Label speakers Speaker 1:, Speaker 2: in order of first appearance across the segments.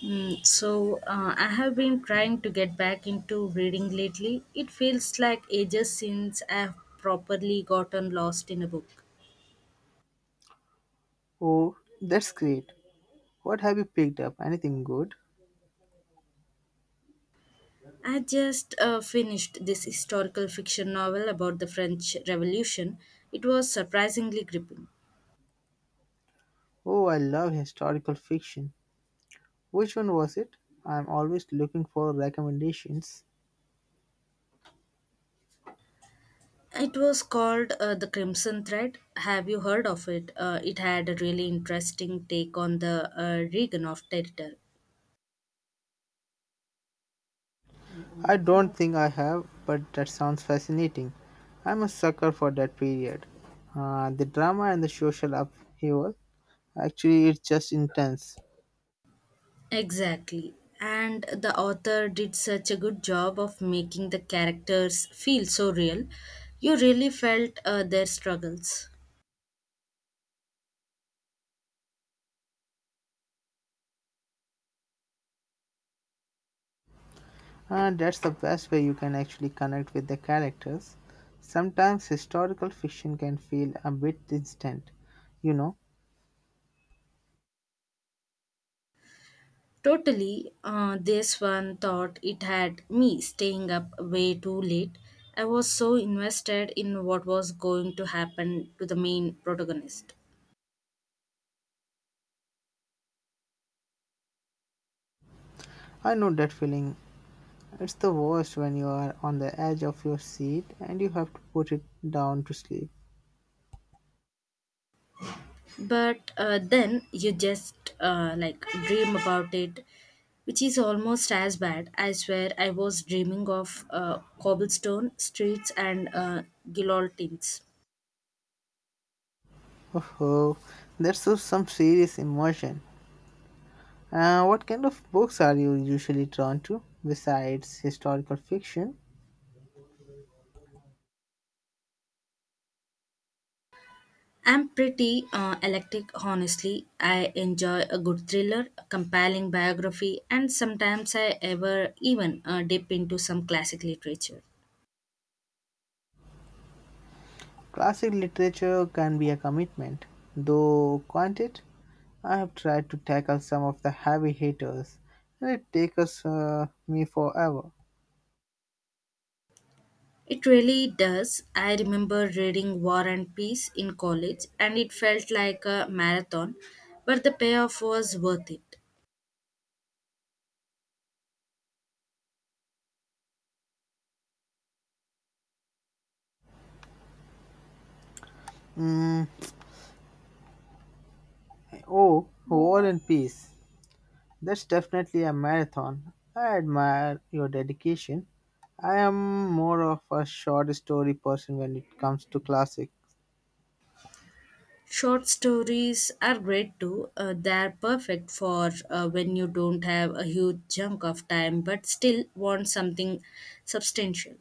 Speaker 1: I have been trying to get back into reading lately. It feels like ages since I have properly gotten lost in a book.
Speaker 2: Oh, that's great. What have you picked up? Anything good?
Speaker 1: I just finished this historical fiction novel about the French Revolution. It was surprisingly gripping.
Speaker 2: Oh, I love historical fiction. Which one was it? I'm always looking for recommendations.
Speaker 1: It was called The Crimson Thread. Have you heard of it? It had a really interesting take on the Reagan of territory.
Speaker 2: I don't think I have, but that sounds fascinating. I'm a sucker for that period. The drama and the social upheaval. Actually, it's just intense.
Speaker 1: Exactly. And the author did such a good job of making the characters feel so real. You really felt their struggles.
Speaker 2: And that's the best way you can actually connect with the characters. Sometimes historical fiction can feel a bit distant. You know,
Speaker 1: Totally. This one thought it had me staying up way too late. I was so invested in what was going to happen to the main protagonist.
Speaker 2: I know that feeling. It's the worst when you are on the edge of your seat and you have to put it down to sleep.
Speaker 1: But then you just like dream about it, which is almost as bad. I swear I was dreaming of cobblestone streets and guillotines.
Speaker 2: Oh, that's some serious emotion. What kind of books are you usually drawn to besides historical fiction?
Speaker 1: I'm pretty eclectic. Honestly, I enjoy a good thriller, a compelling biography, and sometimes I ever even dip into some classic literature.
Speaker 2: Classic literature can be a commitment, though, can't it? I have tried to tackle some of the heavy hitters, and it takes me forever.
Speaker 1: It really does. I remember reading War and Peace in college and it felt like a marathon, but the payoff was worth it.
Speaker 2: Mm, oh, War and Peace. That's definitely a marathon. I admire your dedication. I am more of a short story person when it comes to classic.
Speaker 1: Short stories are great too. They are perfect for when you don't have a huge chunk of time but still want something substantial.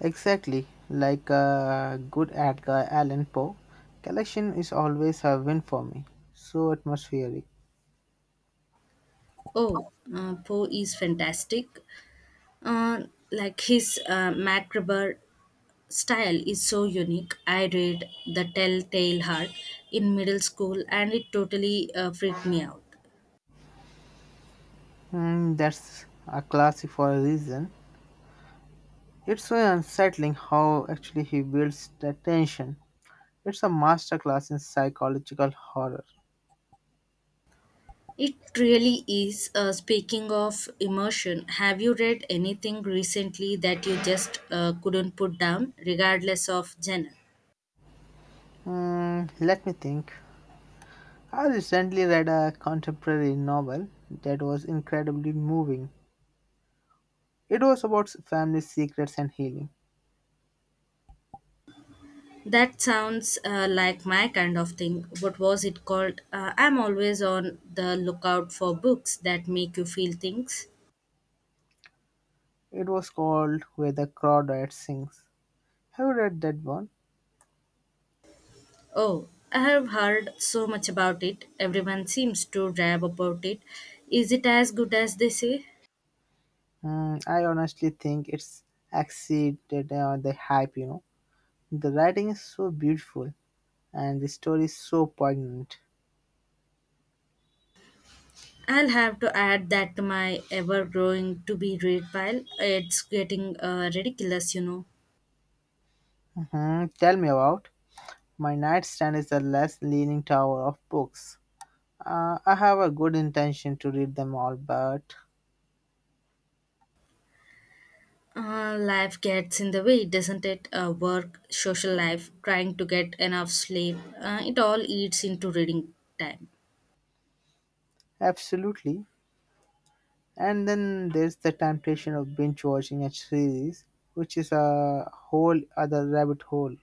Speaker 2: Exactly, like a good Edgar Allan Poe. Collection is always a win for me. So atmospheric.
Speaker 1: Oh, Poe is fantastic. Uh, like his Macabre style is so unique. I read The Telltale Heart in middle school and it totally freaked me out.
Speaker 2: That's a classic for a reason. It's so unsettling how actually he builds the tension. It's a masterclass in psychological horror.
Speaker 1: It really is. Speaking of immersion, have you read anything recently that you just couldn't put down, regardless of genre?
Speaker 2: Let me think. I recently read a contemporary novel that was incredibly moving. It was about family secrets and healing.
Speaker 1: That sounds like my kind of thing. What was it called? I'm always on the lookout for books that make you feel things.
Speaker 2: It was called Where the Crawdad Sings. Have you read that one?
Speaker 1: Oh, I have heard so much about it. Everyone seems to rave about it. Is it as good as they say?
Speaker 2: I honestly think it's exceeded the hype. The writing is so beautiful and the story is so poignant.
Speaker 1: I'll have to add that to my ever growing to be read pile. It's getting ridiculous, you know.
Speaker 2: Mhm. Tell me about. My nightstand is the less leaning tower of books. I have a good intention to read them all, but
Speaker 1: Life gets in the way, doesn't it? Work, social life, trying to get enough sleep. It all eats into reading time.
Speaker 2: absolutely. And then there's the temptation of binge watching a series, which is a whole other rabbit hole.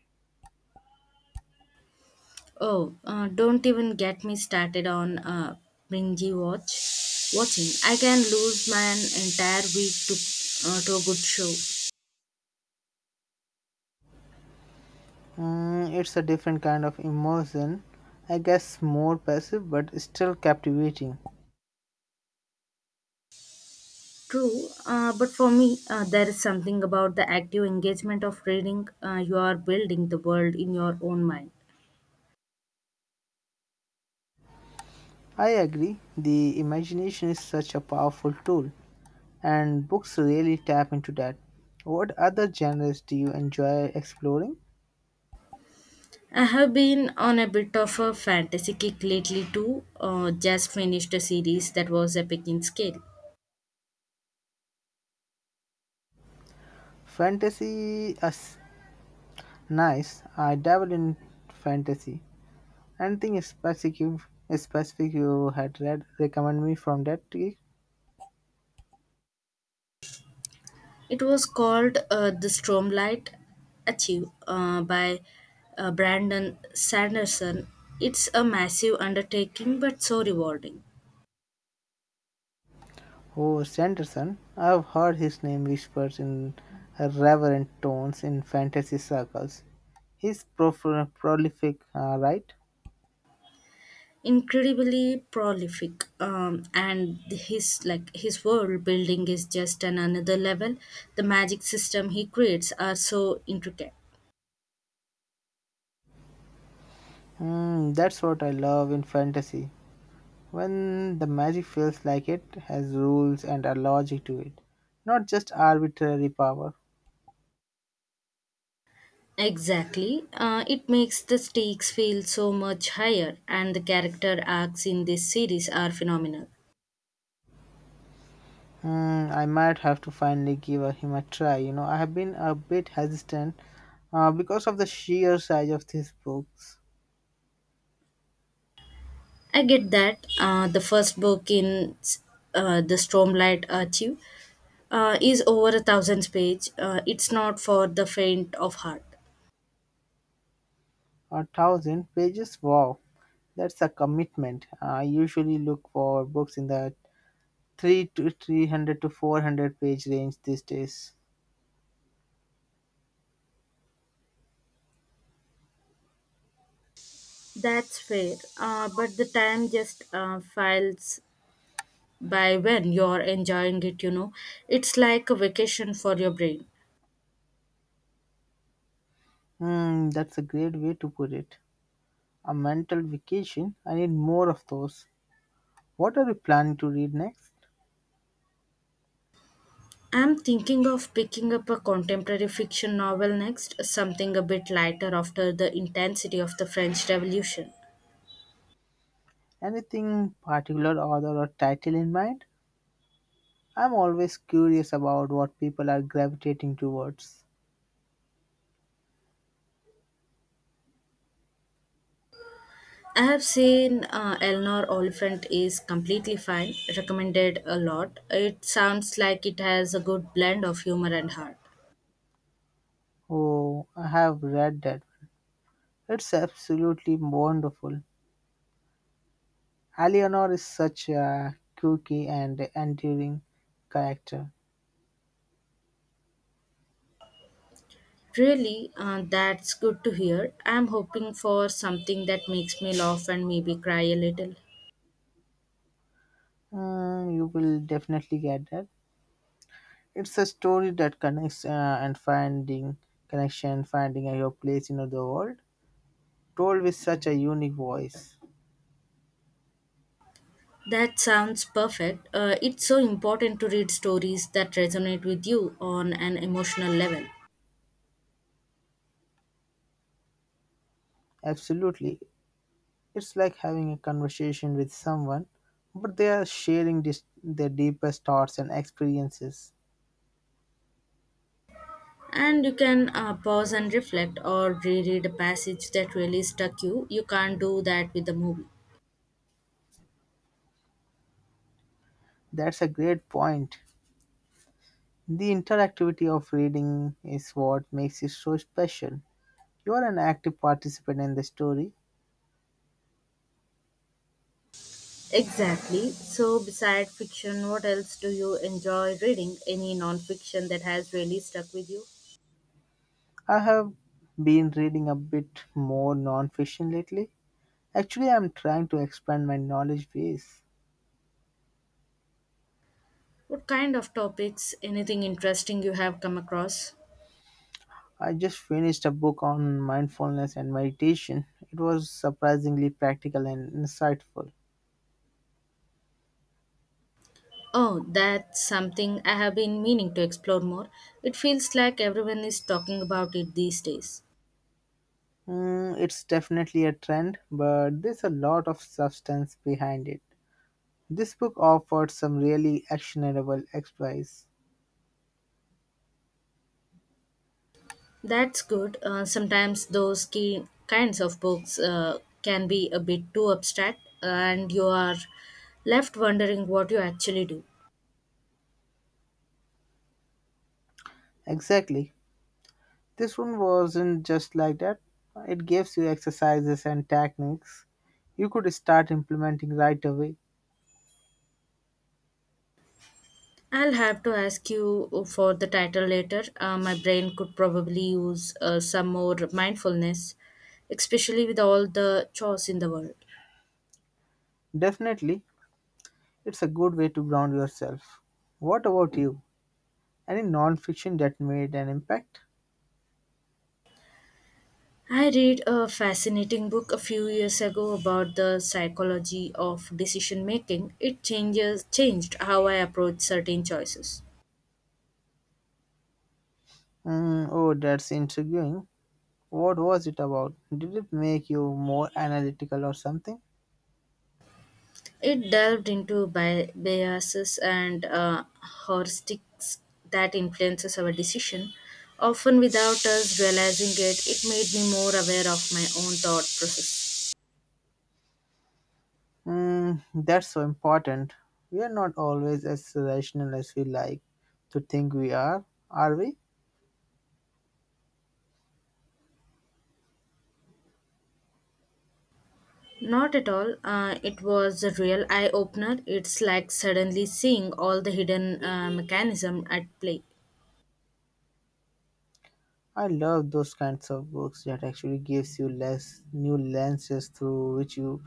Speaker 1: Oh, don't even get me started on binge watching. I can lose my entire week to to a good show.
Speaker 2: It's a different kind of immersion, I guess more passive but still captivating.
Speaker 1: True, but for me, there is something about the active engagement of reading. You are building the world in your own mind.
Speaker 2: I agree, the imagination is such a powerful tool, and books really tap into that. What other genres do you enjoy exploring?
Speaker 1: I have been on a bit of a fantasy kick lately too. Just finished a series that was epic in scale.
Speaker 2: Fantasy is nice, I dabble in fantasy. Anything specific you had read recommend me from that tree?
Speaker 1: It was called The Stromlight Achieve by Brandon Sanderson. It's a massive undertaking but so rewarding.
Speaker 2: Oh, Sanderson. I've heard his name whispered in reverent tones in fantasy circles. He's prolific, right?
Speaker 1: Incredibly prolific, and his world building is just on another level. The magic system he creates are so intricate.
Speaker 2: That's what I love in fantasy. When the magic feels like it has rules and a logic to it, not just arbitrary power.
Speaker 1: Exactly. It makes the stakes feel so much higher, and the character arcs in this series are phenomenal.
Speaker 2: I might have to finally give him a try. I have been a bit hesitant because of the sheer size of these books.
Speaker 1: I get that. The first book in the Stormlight Archive is over a thousand page. It's not for the faint of heart.
Speaker 2: A thousand pages? Wow, that's a commitment. I usually look for books in the 3 to 300 to 400 page range these days.
Speaker 1: That's fair. But the time just files by when you're enjoying it, you know. It's like a vacation for your brain.
Speaker 2: That's a great way to put it. A mental vacation. I need more of those. What are you planning to read next?
Speaker 1: I'm thinking of picking up a contemporary fiction novel next, something a bit lighter after the intensity of the French Revolution.
Speaker 2: Anything particular, author or title in mind? I'm always curious about what people are gravitating towards.
Speaker 1: I have seen Eleanor Oliphant is completely fine, recommended a lot. It sounds like it has a good blend of humor and heart.
Speaker 2: Oh, I have read that. It's absolutely wonderful. Eleanor is such a quirky and endearing character.
Speaker 1: Really, that's good to hear. I'm hoping for something that makes me laugh and maybe cry a little.
Speaker 2: You will definitely get that. It's a story that connects and finding connection, finding your place in the world, told with such a unique voice.
Speaker 1: That sounds perfect. It's so important to read stories that resonate with you on an emotional level.
Speaker 2: Absolutely, it's like having a conversation with someone, but they are sharing their deepest thoughts and experiences.
Speaker 1: And you can pause and reflect or reread a passage that really stuck you. You can't do that with a movie.
Speaker 2: That's a great point. The interactivity of reading is what makes it so special. You are an active participant in the story.
Speaker 1: Exactly. So, beside fiction, what else do you enjoy reading? Any non-fiction that has really stuck with you?
Speaker 2: I have been reading a bit more non-fiction lately. Actually, I'm trying to expand my knowledge base.
Speaker 1: What kind of topics? Anything interesting you have come across?
Speaker 2: I just finished a book on mindfulness and meditation. It was surprisingly practical and insightful.
Speaker 1: Oh, that's something I have been meaning to explore more. It feels like everyone is talking about it these days.
Speaker 2: It's definitely a trend, but there's a lot of substance behind it. This book offered some really actionable advice.
Speaker 1: That's good. Sometimes those key kinds of books can be a bit too abstract, and you are left wondering what you actually do.
Speaker 2: Exactly. This one wasn't just like that. It gives you exercises and techniques you could start implementing right away.
Speaker 1: I'll have to ask you for the title later. My brain could probably use some more mindfulness, especially with all the chores in the world.
Speaker 2: Definitely, it's a good way to ground yourself. What about you? Any non fiction that made an impact?
Speaker 1: I read a fascinating book a few years ago about the psychology of decision making. It changes changed how I approach certain choices.
Speaker 2: Oh, that's intriguing. What was it about? Did it make you more analytical or something?
Speaker 1: It delved into biases and heuristics that influences our decision, often without us realizing it. It made me more aware of my own thought process.
Speaker 2: That's so important. We are not always as rational as we like to think we are we?
Speaker 1: Not at all. It was a real eye opener. It's like suddenly seeing all the hidden mechanism at play.
Speaker 2: I love those kinds of books that actually gives you less new lenses through which you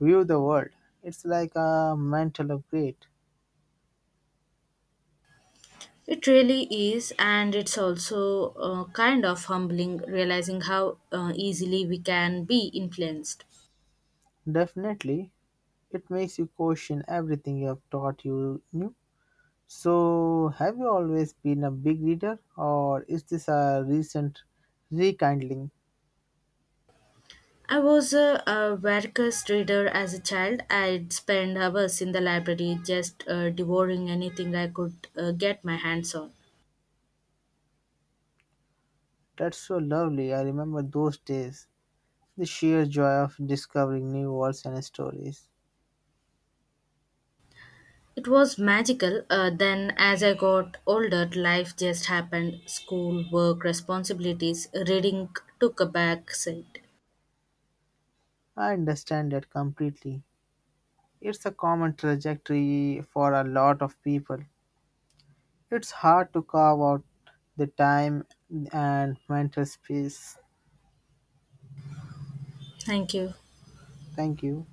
Speaker 2: view the world. It's like a mental upgrade.
Speaker 1: It really is, and it's also kind of humbling realizing how easily we can be influenced.
Speaker 2: Definitely, it makes you question everything you have taught you knew. So, have you always been a big reader, or is this a recent rekindling?
Speaker 1: I was a voracious reader as a child. I'd spend hours in the library just devouring anything I could get my hands on.
Speaker 2: That's so lovely. I remember those days. The sheer joy of discovering new worlds and stories.
Speaker 1: It was magical. Then, as I got older, life just happened, school, work, responsibilities. Reading took a back seat.
Speaker 2: I understand that completely. It's a common trajectory for a lot of people. It's hard to carve out the time and mental space.
Speaker 1: Thank you.
Speaker 2: Thank you.